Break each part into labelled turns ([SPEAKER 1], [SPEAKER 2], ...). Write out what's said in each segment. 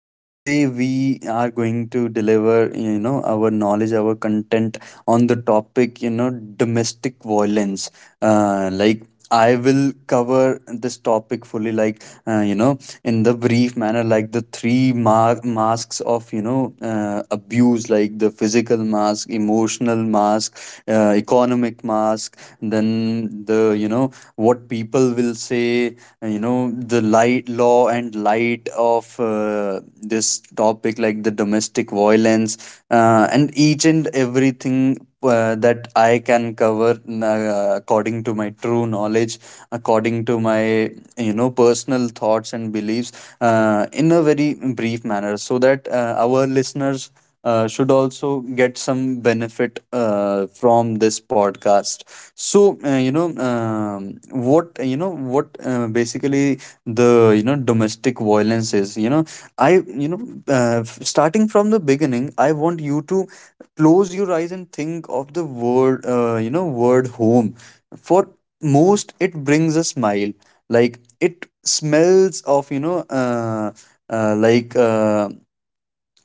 [SPEAKER 1] and today we are going to deliver our knowledge, our content on the topic, domestic violence. uh, like I will cover this topic fully, like in the brief manner, like the three masks of abuse, like the physical mask, emotional mask, economic mask, then the what people will say, the light, law and light of this topic, like the domestic violence, and each and everything that I can cover according to my true knowledge, according to my personal thoughts and beliefs, in a very brief manner, so that our listeners should also get some benefit from this podcast. So what, what basically the you know domestic violence is. You know, I you know f- Starting from the beginning, I want you to close your eyes and think of the word, word home. For most, it brings a smile. Like it smells of uh, like. Uh,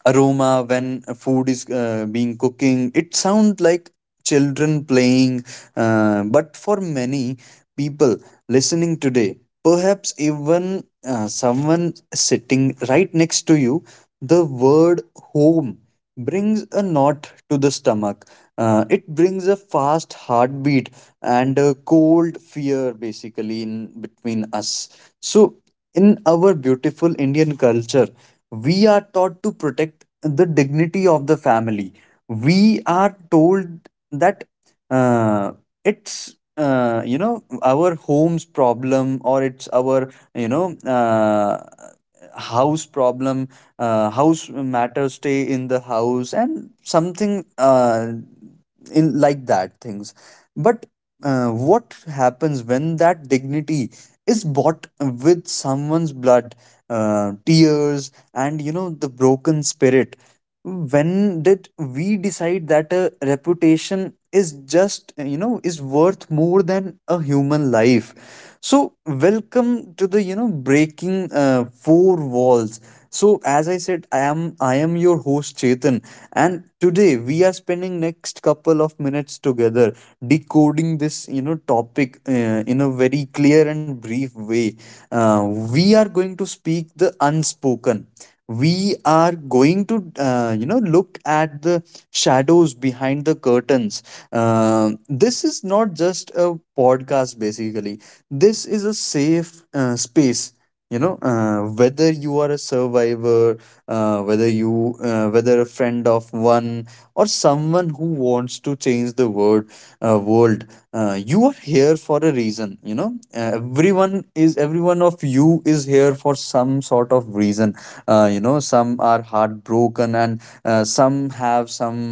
[SPEAKER 1] aroma when food is being cooking. It sounds like children playing. But for many people listening today, perhaps even someone sitting right next to you, the word home brings a knot to the stomach. It brings a fast heartbeat and a cold fear, basically, in between us. So in our beautiful Indian culture, we are taught to protect the dignity of the family. We are told that uh, it's our home's problem, or it's our house problem. House matters stay in the house, and something in like that things. But what happens when that dignity is bought with someone's blood, tears, and the broken spirit? When did we decide that a reputation is just you know is worth more than a human life? So welcome to the breaking four walls. So as I said, I am your host, Chetan, and today we are spending next couple of minutes together decoding this, topic, in a very clear and brief way. Uh, we are going to speak the unspoken. We are going to look at the shadows behind the curtains. Uh, this is not just a podcast, basically. This is a safe space, whether you are a survivor, whether a friend of one, or someone who wants to change the world, uh, world you are here for a reason, Everyone of you is here for some sort of reason. Some are heartbroken, and some have some,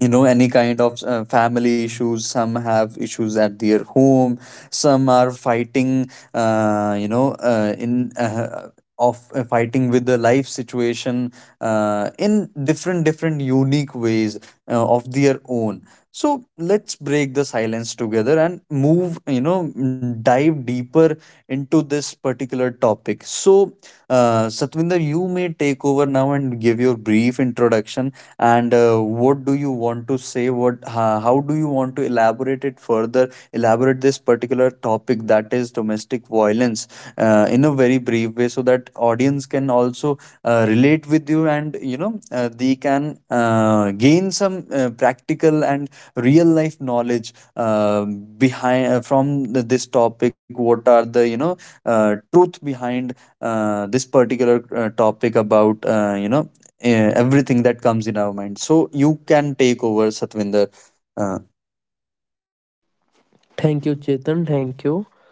[SPEAKER 1] any kind of family issues. Some have issues at their home. Some are fighting, you know in of fighting with the life situation, in different different unique ways of their own. So let's break the silence together and move you know dive deeper into this particular topic. So Satvinder, you may take over now and give your brief introduction. And what do you want to say? How do you want to elaborate it further, elaborate this particular topic, that is domestic violence, in a very brief way, so that audience can also relate with you, and they can gain some practical and real life knowledge behind from the, this topic. What are the truth behind this particular topic about, everything that comes in our mind. So you can take over, Satvinder. Uh,
[SPEAKER 2] thank you Chetan thank you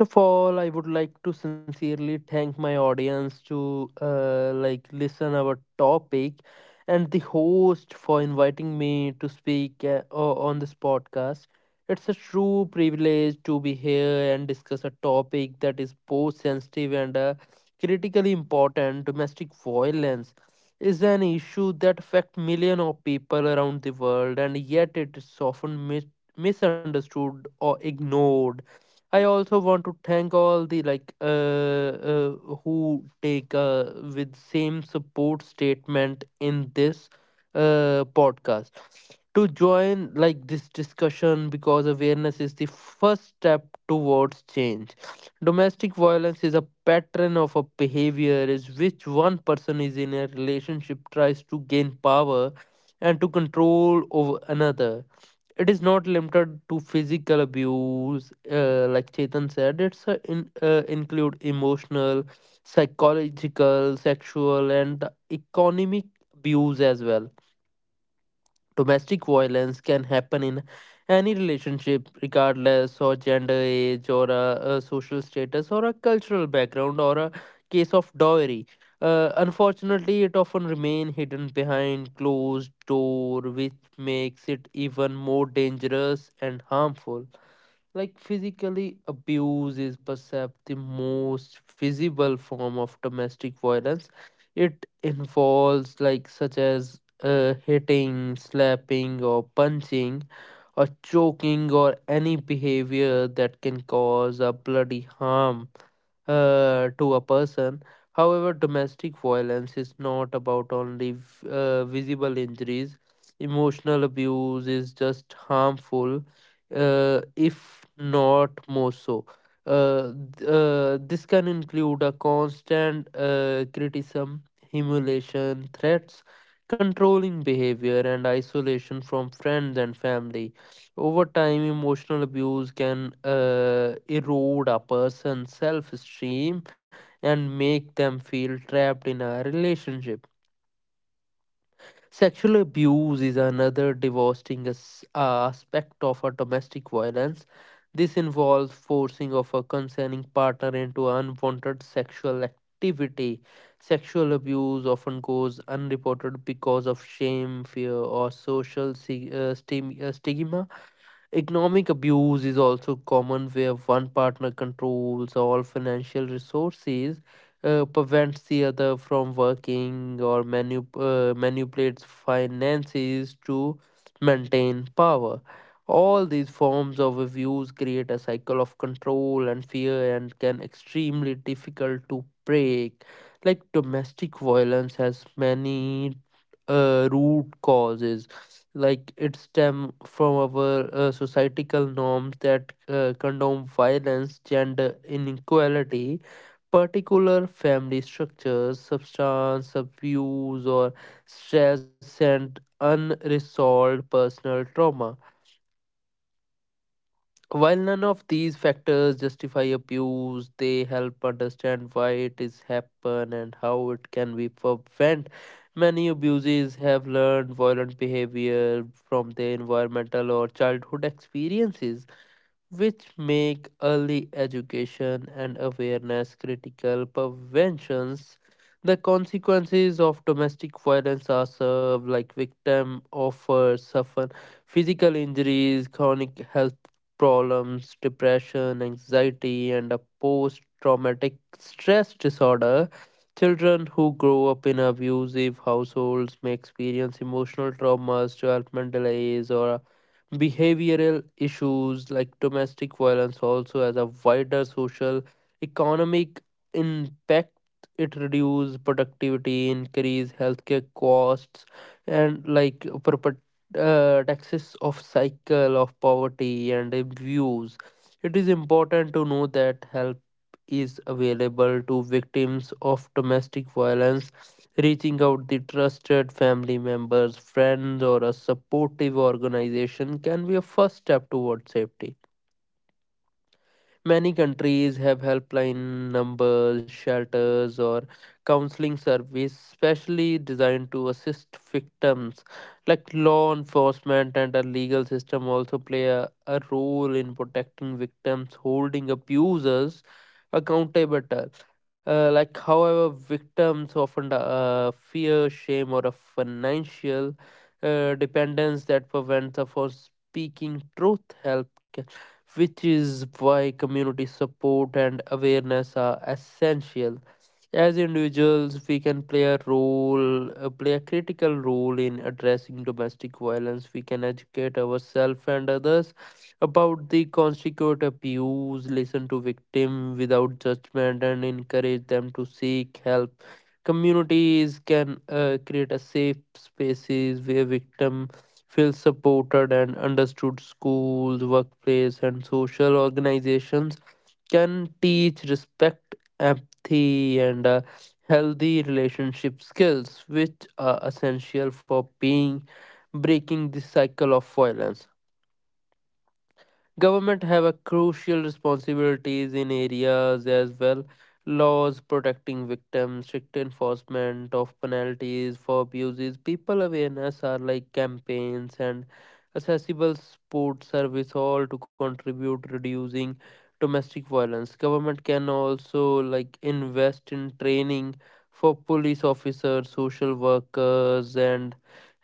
[SPEAKER 2] First of all, I would like to sincerely thank my audience to like listen our topic and the host for inviting me to speak on this podcast. It's a true privilege to be here and discuss a topic that is both sensitive and critically important. Domestic violence is an issue that affects millions of people around the world, and yet it is often misunderstood or ignored. I also want to thank all the like who take with same support statement in this podcast to join like this discussion because awareness is the first step towards change. Domestic violence is a pattern of a behavior is which one person is in a relationship tries to gain power and to control over another. It is not limited to physical abuse, like chetan said it's include emotional, psychological, sexual, and economic abuse as well. Domestic violence can happen in any relationship, regardless of gender, age, or a social status, or a cultural background, or a case of dowry. Unfortunately, it often remains hidden behind closed door, which makes it even more dangerous and harmful. Like physically, abuse is perceived the most visible form of domestic violence. It involves like such as hitting, slapping, or punching, or choking, or any behavior that can cause a bloody harm to a person. However, domestic violence is not about only visible injuries. Emotional abuse is just harmful, if not more so. This can include a constant criticism, humiliation, threats, controlling behavior, and isolation from friends and family. Over time, emotional abuse can erode a person's self esteem and make them feel trapped in a relationship. Sexual abuse is another devastating aspect of a domestic violence. This involves forcing of a consenting partner into unwanted sexual activity. Sexual abuse often goes unreported because of shame, fear, or social stigma. Economic abuse is also common where one partner controls all financial resources, prevents the other from working, or manipulates finances to maintain power. All these forms of abuse create a cycle of control and fear and can extremely difficult to break. Like domestic violence has many root causes, like it stem from our societal norms that condone violence, gender inequality, particular family structures, substance abuse, or stress and unresolved personal trauma. While none of these factors justify abuse, they help understand why it is happen and how it can be prevent. Many abuses have learned violent behavior from their environmental or childhood experiences, which make early education and awareness critical. Preventions, the consequences of domestic violence are served, like victim offer suffer physical injuries, chronic health problems, depression, anxiety, and a post-traumatic stress disorder. Children who grow up in abusive households may experience emotional traumas, development delays, or behavioral issues. Like domestic violence also has a wider social economic impact. It reduces productivity, increase healthcare costs, and like taxes of cycle of poverty and abuse. It is important to know that help is available to victims of domestic violence. Reaching out the trusted family members, friends, or a supportive organization can be a first step towards safety. Many countries have helpline numbers, shelters, or counseling service specially designed to assist victims. Like law enforcement and the legal system also play a role in protecting victims, holding abusers accountable. Like, however, victims often fear, shame, or a financial dependence that prevents them from speaking truth. Help, which is why community support and awareness are essential. As individuals, we can play a role, play a critical role in addressing domestic violence. We can educate ourselves and others about the constitute abuse, listen to victim without judgment, and encourage them to seek help. Communities can create a safe spaces where victim feels supported and understood. Schools, workplace, and social organizations can teach respect, empathy, and healthy relationship skills, which are essential for being breaking the cycle of violence. Government have a crucial responsibilities in areas as well. Laws protecting victims, strict enforcement of penalties for abuses, people awareness are like campaigns and accessible support service all to contribute reducing domestic violence. Government can also like invest in training for police officers, social workers, and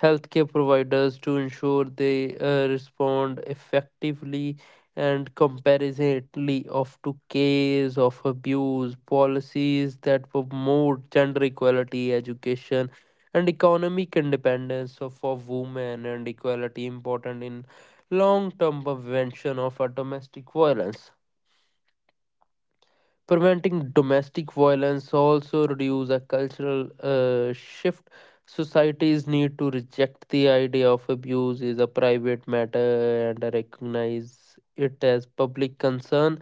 [SPEAKER 2] healthcare providers to ensure they respond effectively and comparatively, of to case of abuse policies that promote gender equality education and economic independence for women and equality important in long term prevention of domestic violence. Preventing domestic violence also reduce a cultural shift. Societies need to reject the idea of abuse is a private matter and recognize it as public concern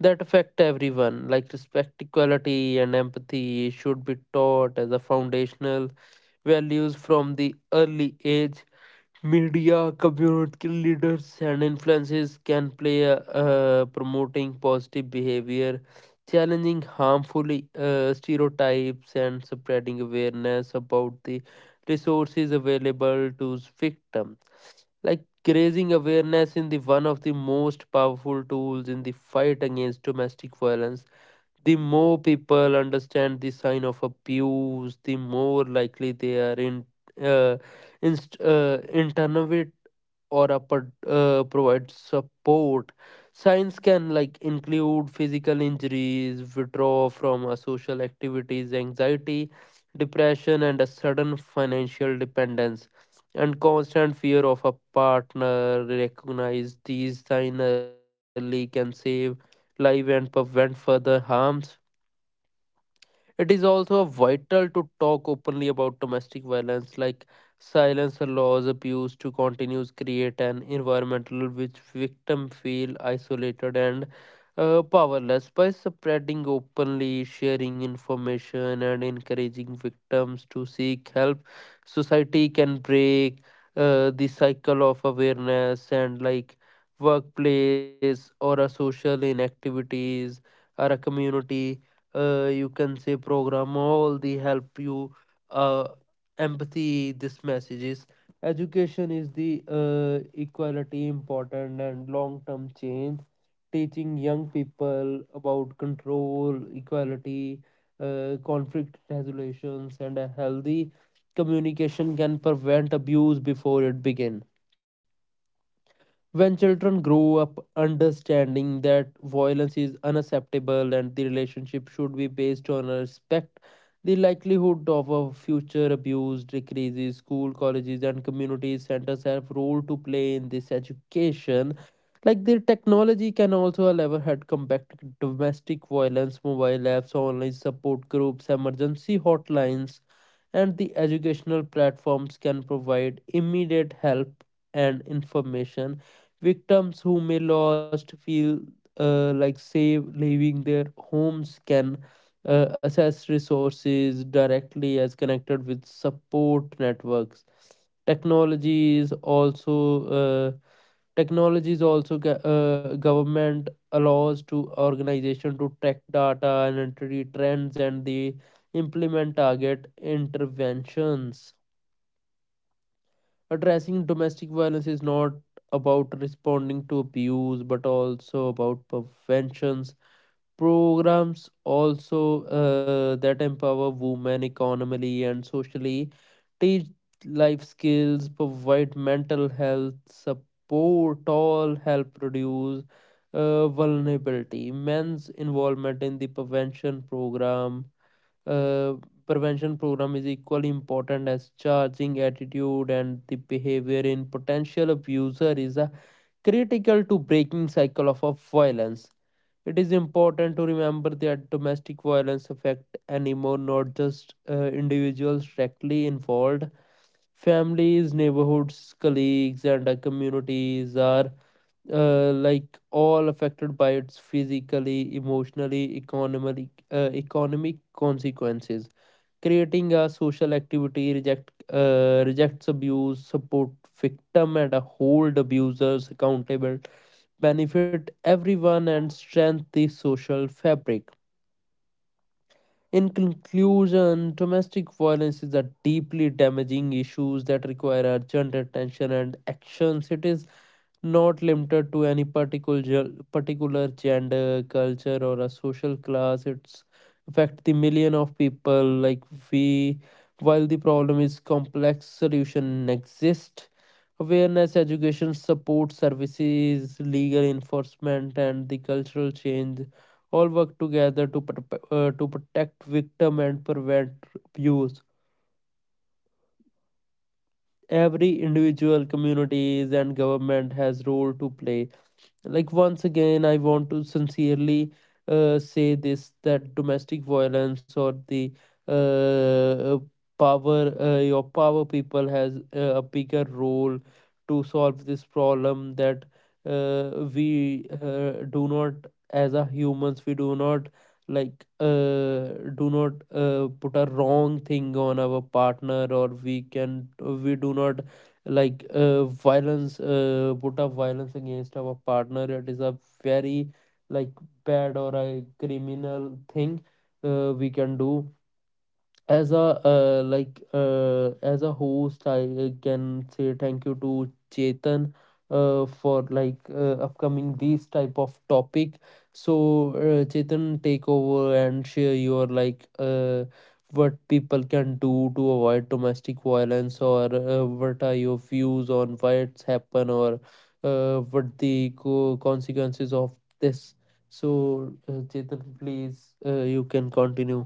[SPEAKER 2] that affect everyone. Like respect, equality, and empathy should be taught as a foundational values from the early age. Media, community leaders, and influences can play a promoting positive behavior, challenging harmful stereotypes, and spreading awareness about the resources available to victims. Like raising awareness in the one of the most powerful tools in the fight against domestic violence, the more people understand the sign of abuse, the more likely they are in uh, internovate or a provide support. Signs can like include physical injuries, withdrawal from social activities, anxiety, depression, and a sudden financial dependence. And constant fear of a partner recognize these signs early can save life and prevent further harms. It is also vital to talk openly about domestic violence, like silence allows abuse to continue, create an environmental which victim feel isolated and powerless. By spreading openly, sharing information, and encouraging victims to seek help, society can break the cycle of awareness and like workplace or a social inactivities or a community you can say program all the help you uh, empathy this messages. Education is the equality important and long term change. Teaching young people about control equality, conflict resolutions and a healthy communication can prevent abuse before it begins. When children grow up understanding that violence is unacceptable and the relationship should be based on respect, the likelihood of a future abuse decreases. School, colleges, and community centers have role to play in this education. Like the technology can also allow had combat domestic violence, mobile apps, online support groups, emergency hotlines, and the educational platforms can provide immediate help and information. Victims who may lost feel like safe leaving their homes can access resources directly as connected with support networks. Technologies also uh, Technologies also government allows to organization to track data and entry trends and the implement target interventions. Addressing domestic violence is not about responding to abuse but also about preventions. Programs also that empower women economically and socially, teach life skills, provide mental health support, all help reduce vulnerability. Men's involvement in the uh, prevention program is equally important as charging attitude and the behavior in potential abuser is a critical to breaking cycle of violence. It is important to remember that domestic violence affect anymore, not just individuals directly involved, families, neighborhoods, colleagues, and communities are like all affected by its physically, emotionally, economic consequences. Creating a social activity rejects abuse, support victim, and hold abusers accountable benefit everyone and strengthen the social fabric. In conclusion, domestic violence is a deeply damaging issue that require urgent attention and actions. It is not limited to any particular particular gender, culture, or a social class. It's affect the million of people like we. While the problem is complex, solution exists. Awareness, education, support services, legal enforcement, and the cultural change all work together to to protect victim and prevent abuse. Every individual, communities, and government has role to play. Like once again I want to sincerely say this that domestic violence or the uh, uh, power, your power people has a bigger role to solve this problem, that we do not, as a humans we do not, like do not put a wrong thing on our partner, or we can, we do not like violence, put up violence against our partner. It is a very like bad or a criminal thing we can do. As a like as a host I can say thank you to chetan for like upcoming these type of topic. So chetan take over and share your like what people can do to avoid domestic violence, or what are your views on why it's happen, or what the consequences of this. So chetan please you can continue.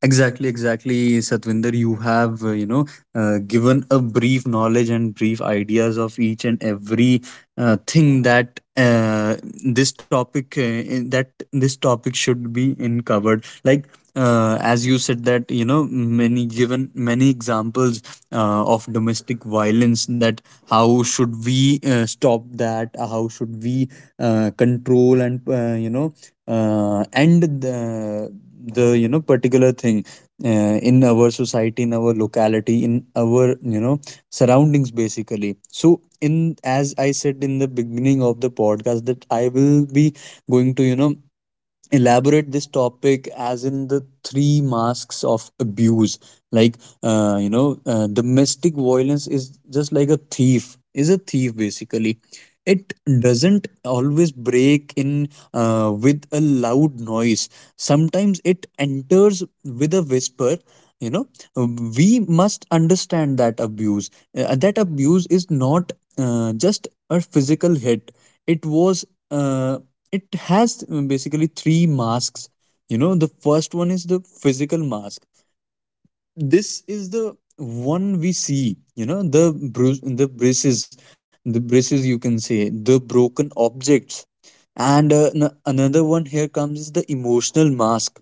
[SPEAKER 1] Exactly, exactly, Satvinder. You have, given a brief knowledge and brief ideas of each and every thing that this topic that this topic should be in covered. Like as you said that, many, given many examples of domestic violence. That how should we stop that? How should we control and end the particular thing in our society, in our locality, in our surroundings, basically. So in, as I said, in the beginning of the podcast that I will be going to elaborate this topic as in the three masks of abuse. Like domestic violence is just like a thief, is a thief basically. It doesn't always break in with a loud noise. Sometimes it enters with a whisper, you know we must understand that abuse, that abuse is not just a physical hit. It was it has basically three masks, The first one is the physical mask. This is the one we see, the bruise, the braces, the braces, you can say, the broken objects. And another one here comes is the emotional mask.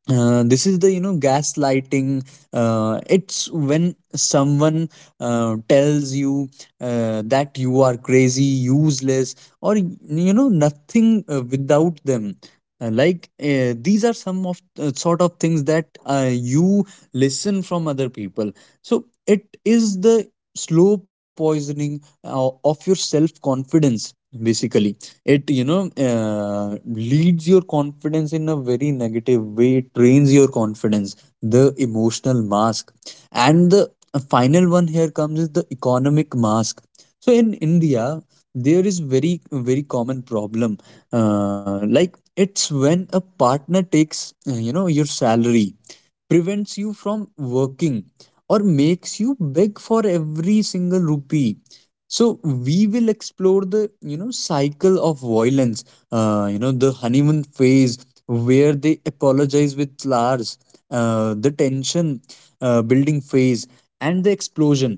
[SPEAKER 1] This is the, gaslighting. It's when someone tells you that you are crazy, useless, or nothing without them. These are some of sort of things that you listen from other people. So it is the slow poisoning of your self confidence, basically. It, leads your confidence in a very negative way. It trains your confidence, the emotional mask. And the final one here comes is the economic mask. So in India, there is very very common problem. Like it's when a partner takes, your salary, prevents you from working, or makes you beg for every single rupee. So we will explore the, cycle of violence. The honeymoon phase, where they apologize with flowers, the tension building phase, and the explosion.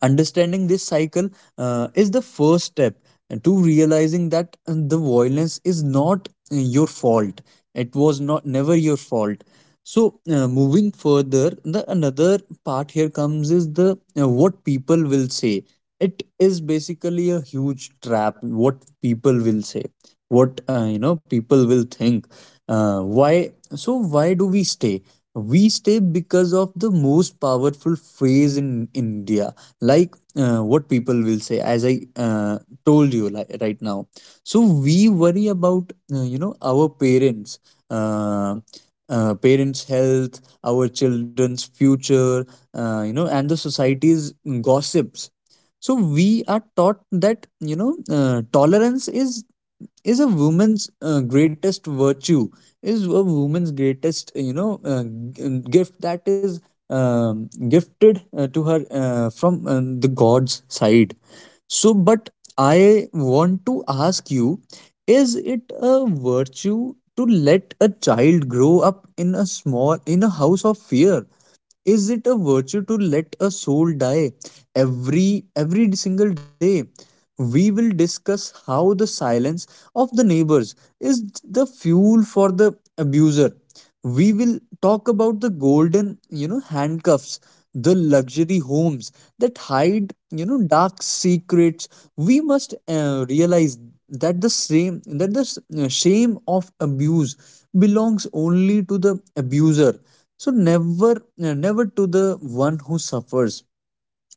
[SPEAKER 1] Understanding this cycle is the first step to realizing that the violence is not your fault. It was not, never your fault. So moving further, the another part here comes is the, what people will say. It is basically a huge trap, what people will say, what people will think, why. So why do we stay? We stay because of the most powerful phrase in India, like what people will say, as I told you, like, right now. So we worry about, our parents, uh, parents' health, our children's future, and the society's gossips. So we are taught that, tolerance is a woman's greatest virtue, is a woman's greatest, gift, that is gifted to her from the god's side. So, but I want to ask you, is it a virtue to let a child grow up in a small, in a house of fear? Is it a virtue to let a soul die every single day? We will discuss how the silence of the neighbors is the fuel for the abuser. We will talk about the golden, handcuffs, the luxury homes that hide, dark secrets. We must realize that the same that the s- shame of abuse belongs only to the abuser. So never, never to the one who suffers.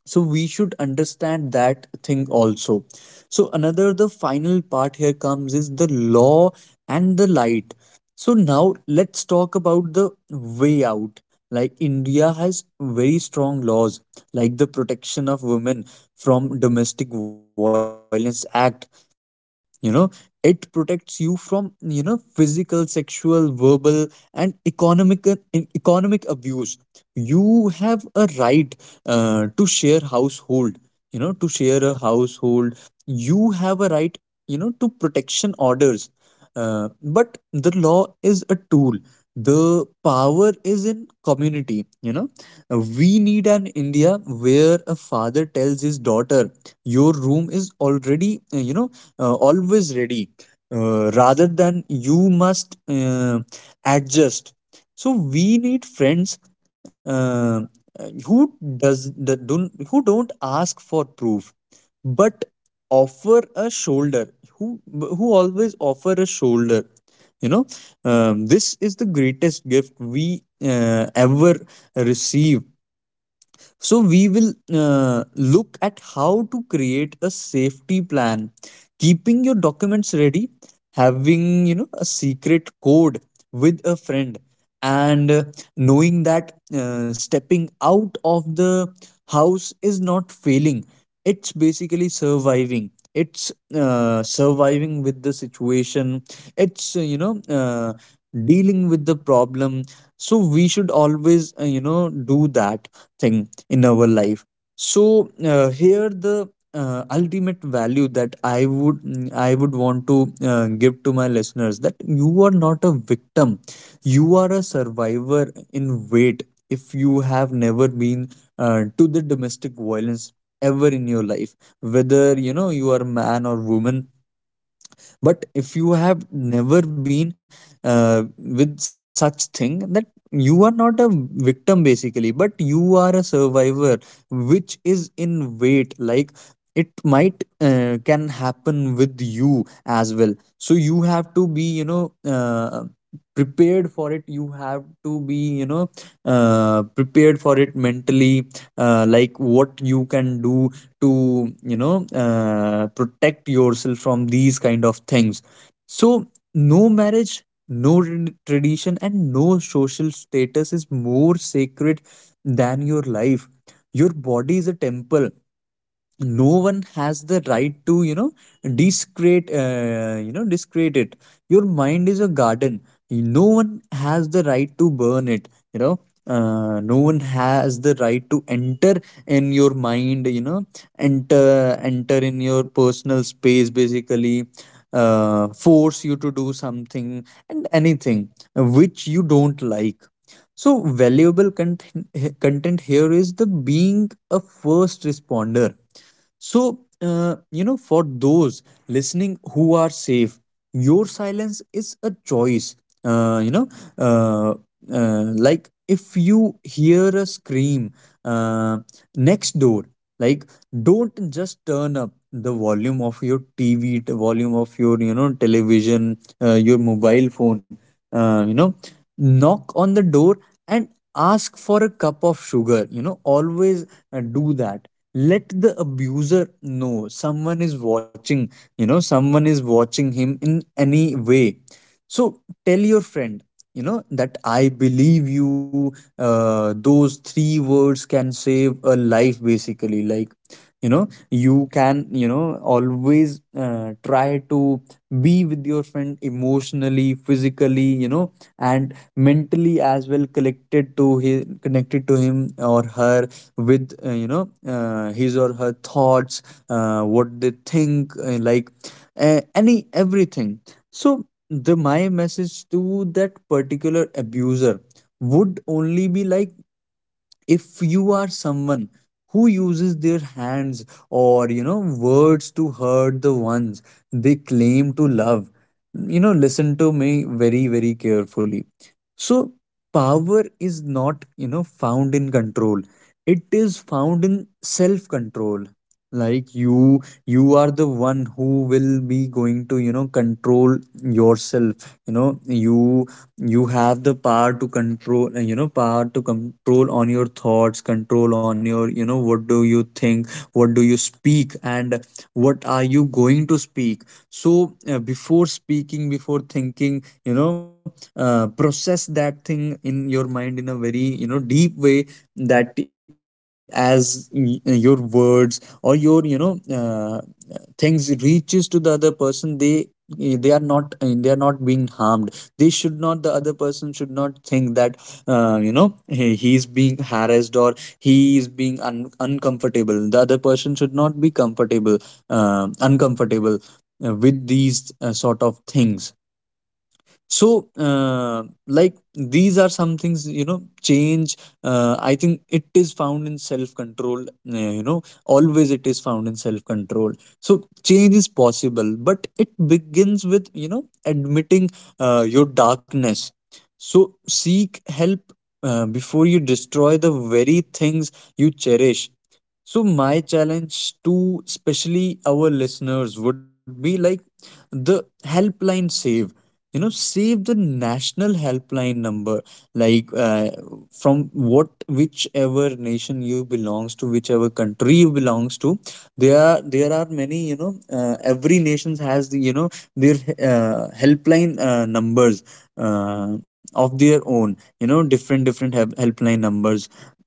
[SPEAKER 1] So we should understand that thing also. So another, the final part here comes is the law and the light. So now let's talk about the way out. Like India has very strong laws, like the Protection of Women from Domestic Violence Act. you know it protects you from, physical, sexual, verbal, and economic, economic abuse. You have a right uh, to share household to share a household. You have a right, to protection orders. But the law is a tool. The power is in community, We need an India where a father tells his daughter, "Your room is already, always ready," rather than "you must adjust." So we need friends, uh, who don't ask for proof, but offer a shoulder. Who always offer a shoulder, you know this is the greatest gift we ever receive. So we will look at how to create a safety plan, keeping your documents ready, having a secret code with a friend, and knowing that stepping out of the house is not failing. It's basically surviving. It's surviving with the situation. It's dealing with the problem. So we should always do that thing in our life. So here the ultimate value that I would I would want to give to my listeners: that you are not a victim, you are a survivor in wait. If you have never been to the domestic violence ever in your life, whether you are a man or woman, but if you have never been with such thing, that you are not a victim basically, but you are a survivor which is in wait. Like, it might can happen with you as well, so you have to be prepared for it. You have to be, you know, prepared for it mentally, like what you can do to protect yourself from these kind of things. So no marriage, no tradition and no social status is more sacred than your life. Your body is a temple, no one has the right to, you know, discrete, you know, discrete it. Your mind is a garden, no one has the right to burn it, you know, no one has the right to enter in your mind, you know, enter in your personal space basically, force you to do something and anything which you don't like. So valuable content here is the being a first responder. So, you know, for those listening who are safe, your silence is a choice. Uh, you know, uh, like, if you hear a scream uh, next door, like, don't just turn up the volume of your TV, the volume of your, you know, television, your mobile phone, uh, you know, knock on the door and ask for a cup of sugar. You know, always do that. Let the abuser know someone is watching, you know, someone is watching him in any way. So tell your friend, you know, that I believe you. Those three words can save a life basically. Like, you know, you can, you know, always try to be with your friend emotionally, physically, you know, and mentally as well, connected to his connected to him or her, with his or her thoughts, what they think, like, any everything. So the my message to that particular abuser would only be like, if you are someone who uses their hands or, you know, words to hurt the ones they claim to love, you know, listen to me very, very carefully. So power is not, you know, found in control, it is found in self control. Like, you are the one who will be going to, you know, control yourself. You know, you have the power to control, you know, power to control on your thoughts, control on your, you know, what do you think, what do you speak, and what are you going to speak. So before speaking, before thinking, you know, process that thing in your mind in a very, you know, deep way, that as your words or your, you know, things reaches to the other person, they they are not they are not being harmed. They should not, the other person should not think that you know, he's being harassed or he is being uncomfortable. The other person should not be comfortable, uncomfortable with these sort of things. So like, these are some things, you know, change. I think it is found in self control, you know, always it is found in self control. So change is possible, but it begins with, you know, admitting your darkness. So seek help before you destroy the very things you cherish. So my challenge to especially our listeners would be like, the helpline, save, you know, save the national helpline number. Like, from, what whichever nation you belongs to, whichever country you belongs to, there are many, you know, every nations has the, you know, their helpline numbers of their own, you know, different different helpline numbers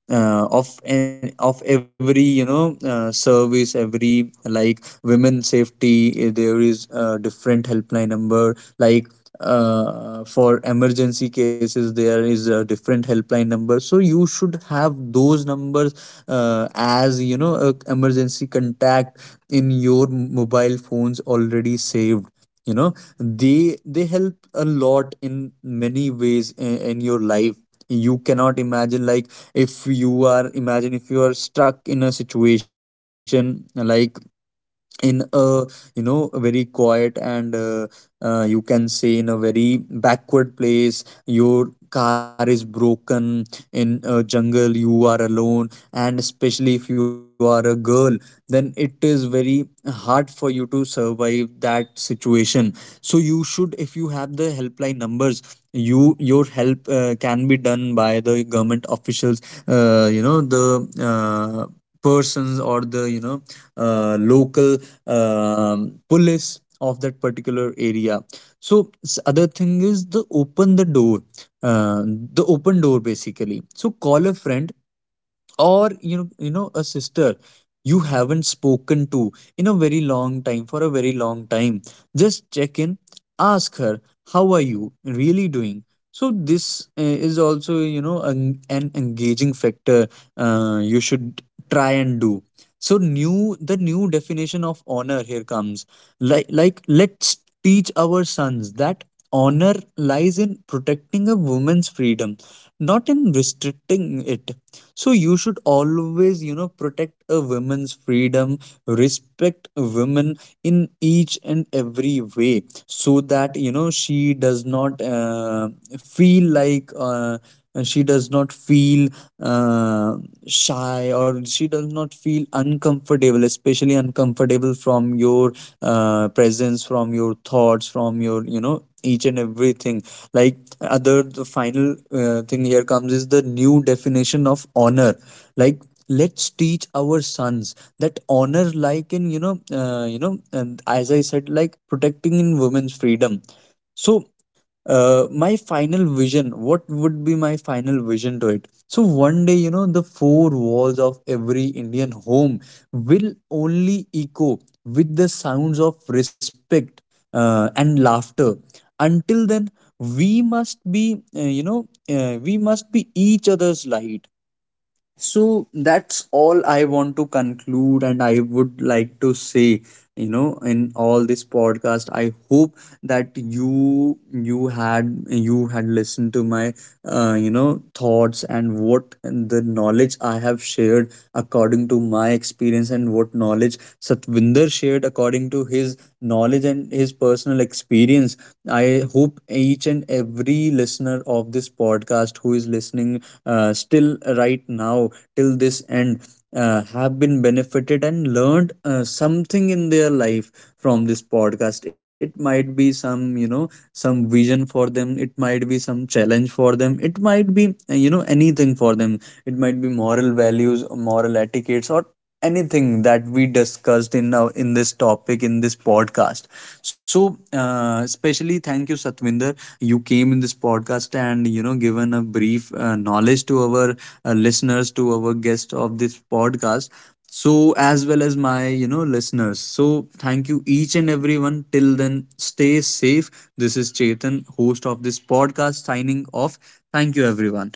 [SPEAKER 1] of of every, you know, service. Every, like, women safety, there is a different helpline number. Like, for emergency cases, there is a different helpline number. So you should have those numbers as, you know, a emergency contact in your mobile phones already saved, you know. They help a lot in many ways in your life. You cannot imagine. Like, if you are imagine if you are stuck in a situation, like, in a, you know, a very quiet and you can say in a very backward place, your car is broken in a jungle, you are alone, and especially if you are a girl, then it is very hard for you to survive that situation. So you should, if you have the helpline numbers, your help can be done by the government officials, you know, the uh, persons, or the, you know, local police of that particular area. So other thing is the open the door, uh, the open door basically. So call a friend, or, you know, a sister you haven't spoken to in a very long time, for a very long time. Just check in, ask her, how are you really doing. So this is also, you know, an engaging factor you should try and do. So new the new definition of honor here comes. Like, let's teach our sons that honor lies in protecting a woman's freedom, not in restricting it. So you should always, you know, protect a woman's freedom, respect women in each and every way, so that, you know, she does not feel like, she does not feel uh, shy, or she does not feel uncomfortable, especially uncomfortable from your presence, from your thoughts, from your, you know, each and everything. Like, other the final thing here comes is the new definition of honor. Like, let's teach our sons that honor like in, you know, and as I said, like, protecting in women's freedom. So my final vision, what would be my final vision to it. So one day, you know, the four walls of every Indian home will only echo with the sounds of respect and laughter. Until then, we must be we must be each other's light. So that's all I want to conclude, and I would like to say, you know, in all this podcast, I hope that you had listened to my you know, thoughts, and what the knowledge I have shared according to my experience, and what knowledge Satvinder shared according to his knowledge and his personal experience. I hope each and every listener of this podcast who is listening still right now, till this end, have been benefited and learned something in their life from this podcast. It might be some, you know, some vision for them, it might be some challenge for them, it might be you know, anything for them, it might be moral values, moral etiquettes, or anything that we discussed in in this topic, in this podcast. So especially thank you Satvinder, you came in this podcast and, you know, given a brief knowledge to our listeners, to our guests of this podcast, so as well as my, you know, listeners. So thank you each and everyone. Till then, stay safe. This is Chetan, host of this podcast, signing off. Thank you everyone.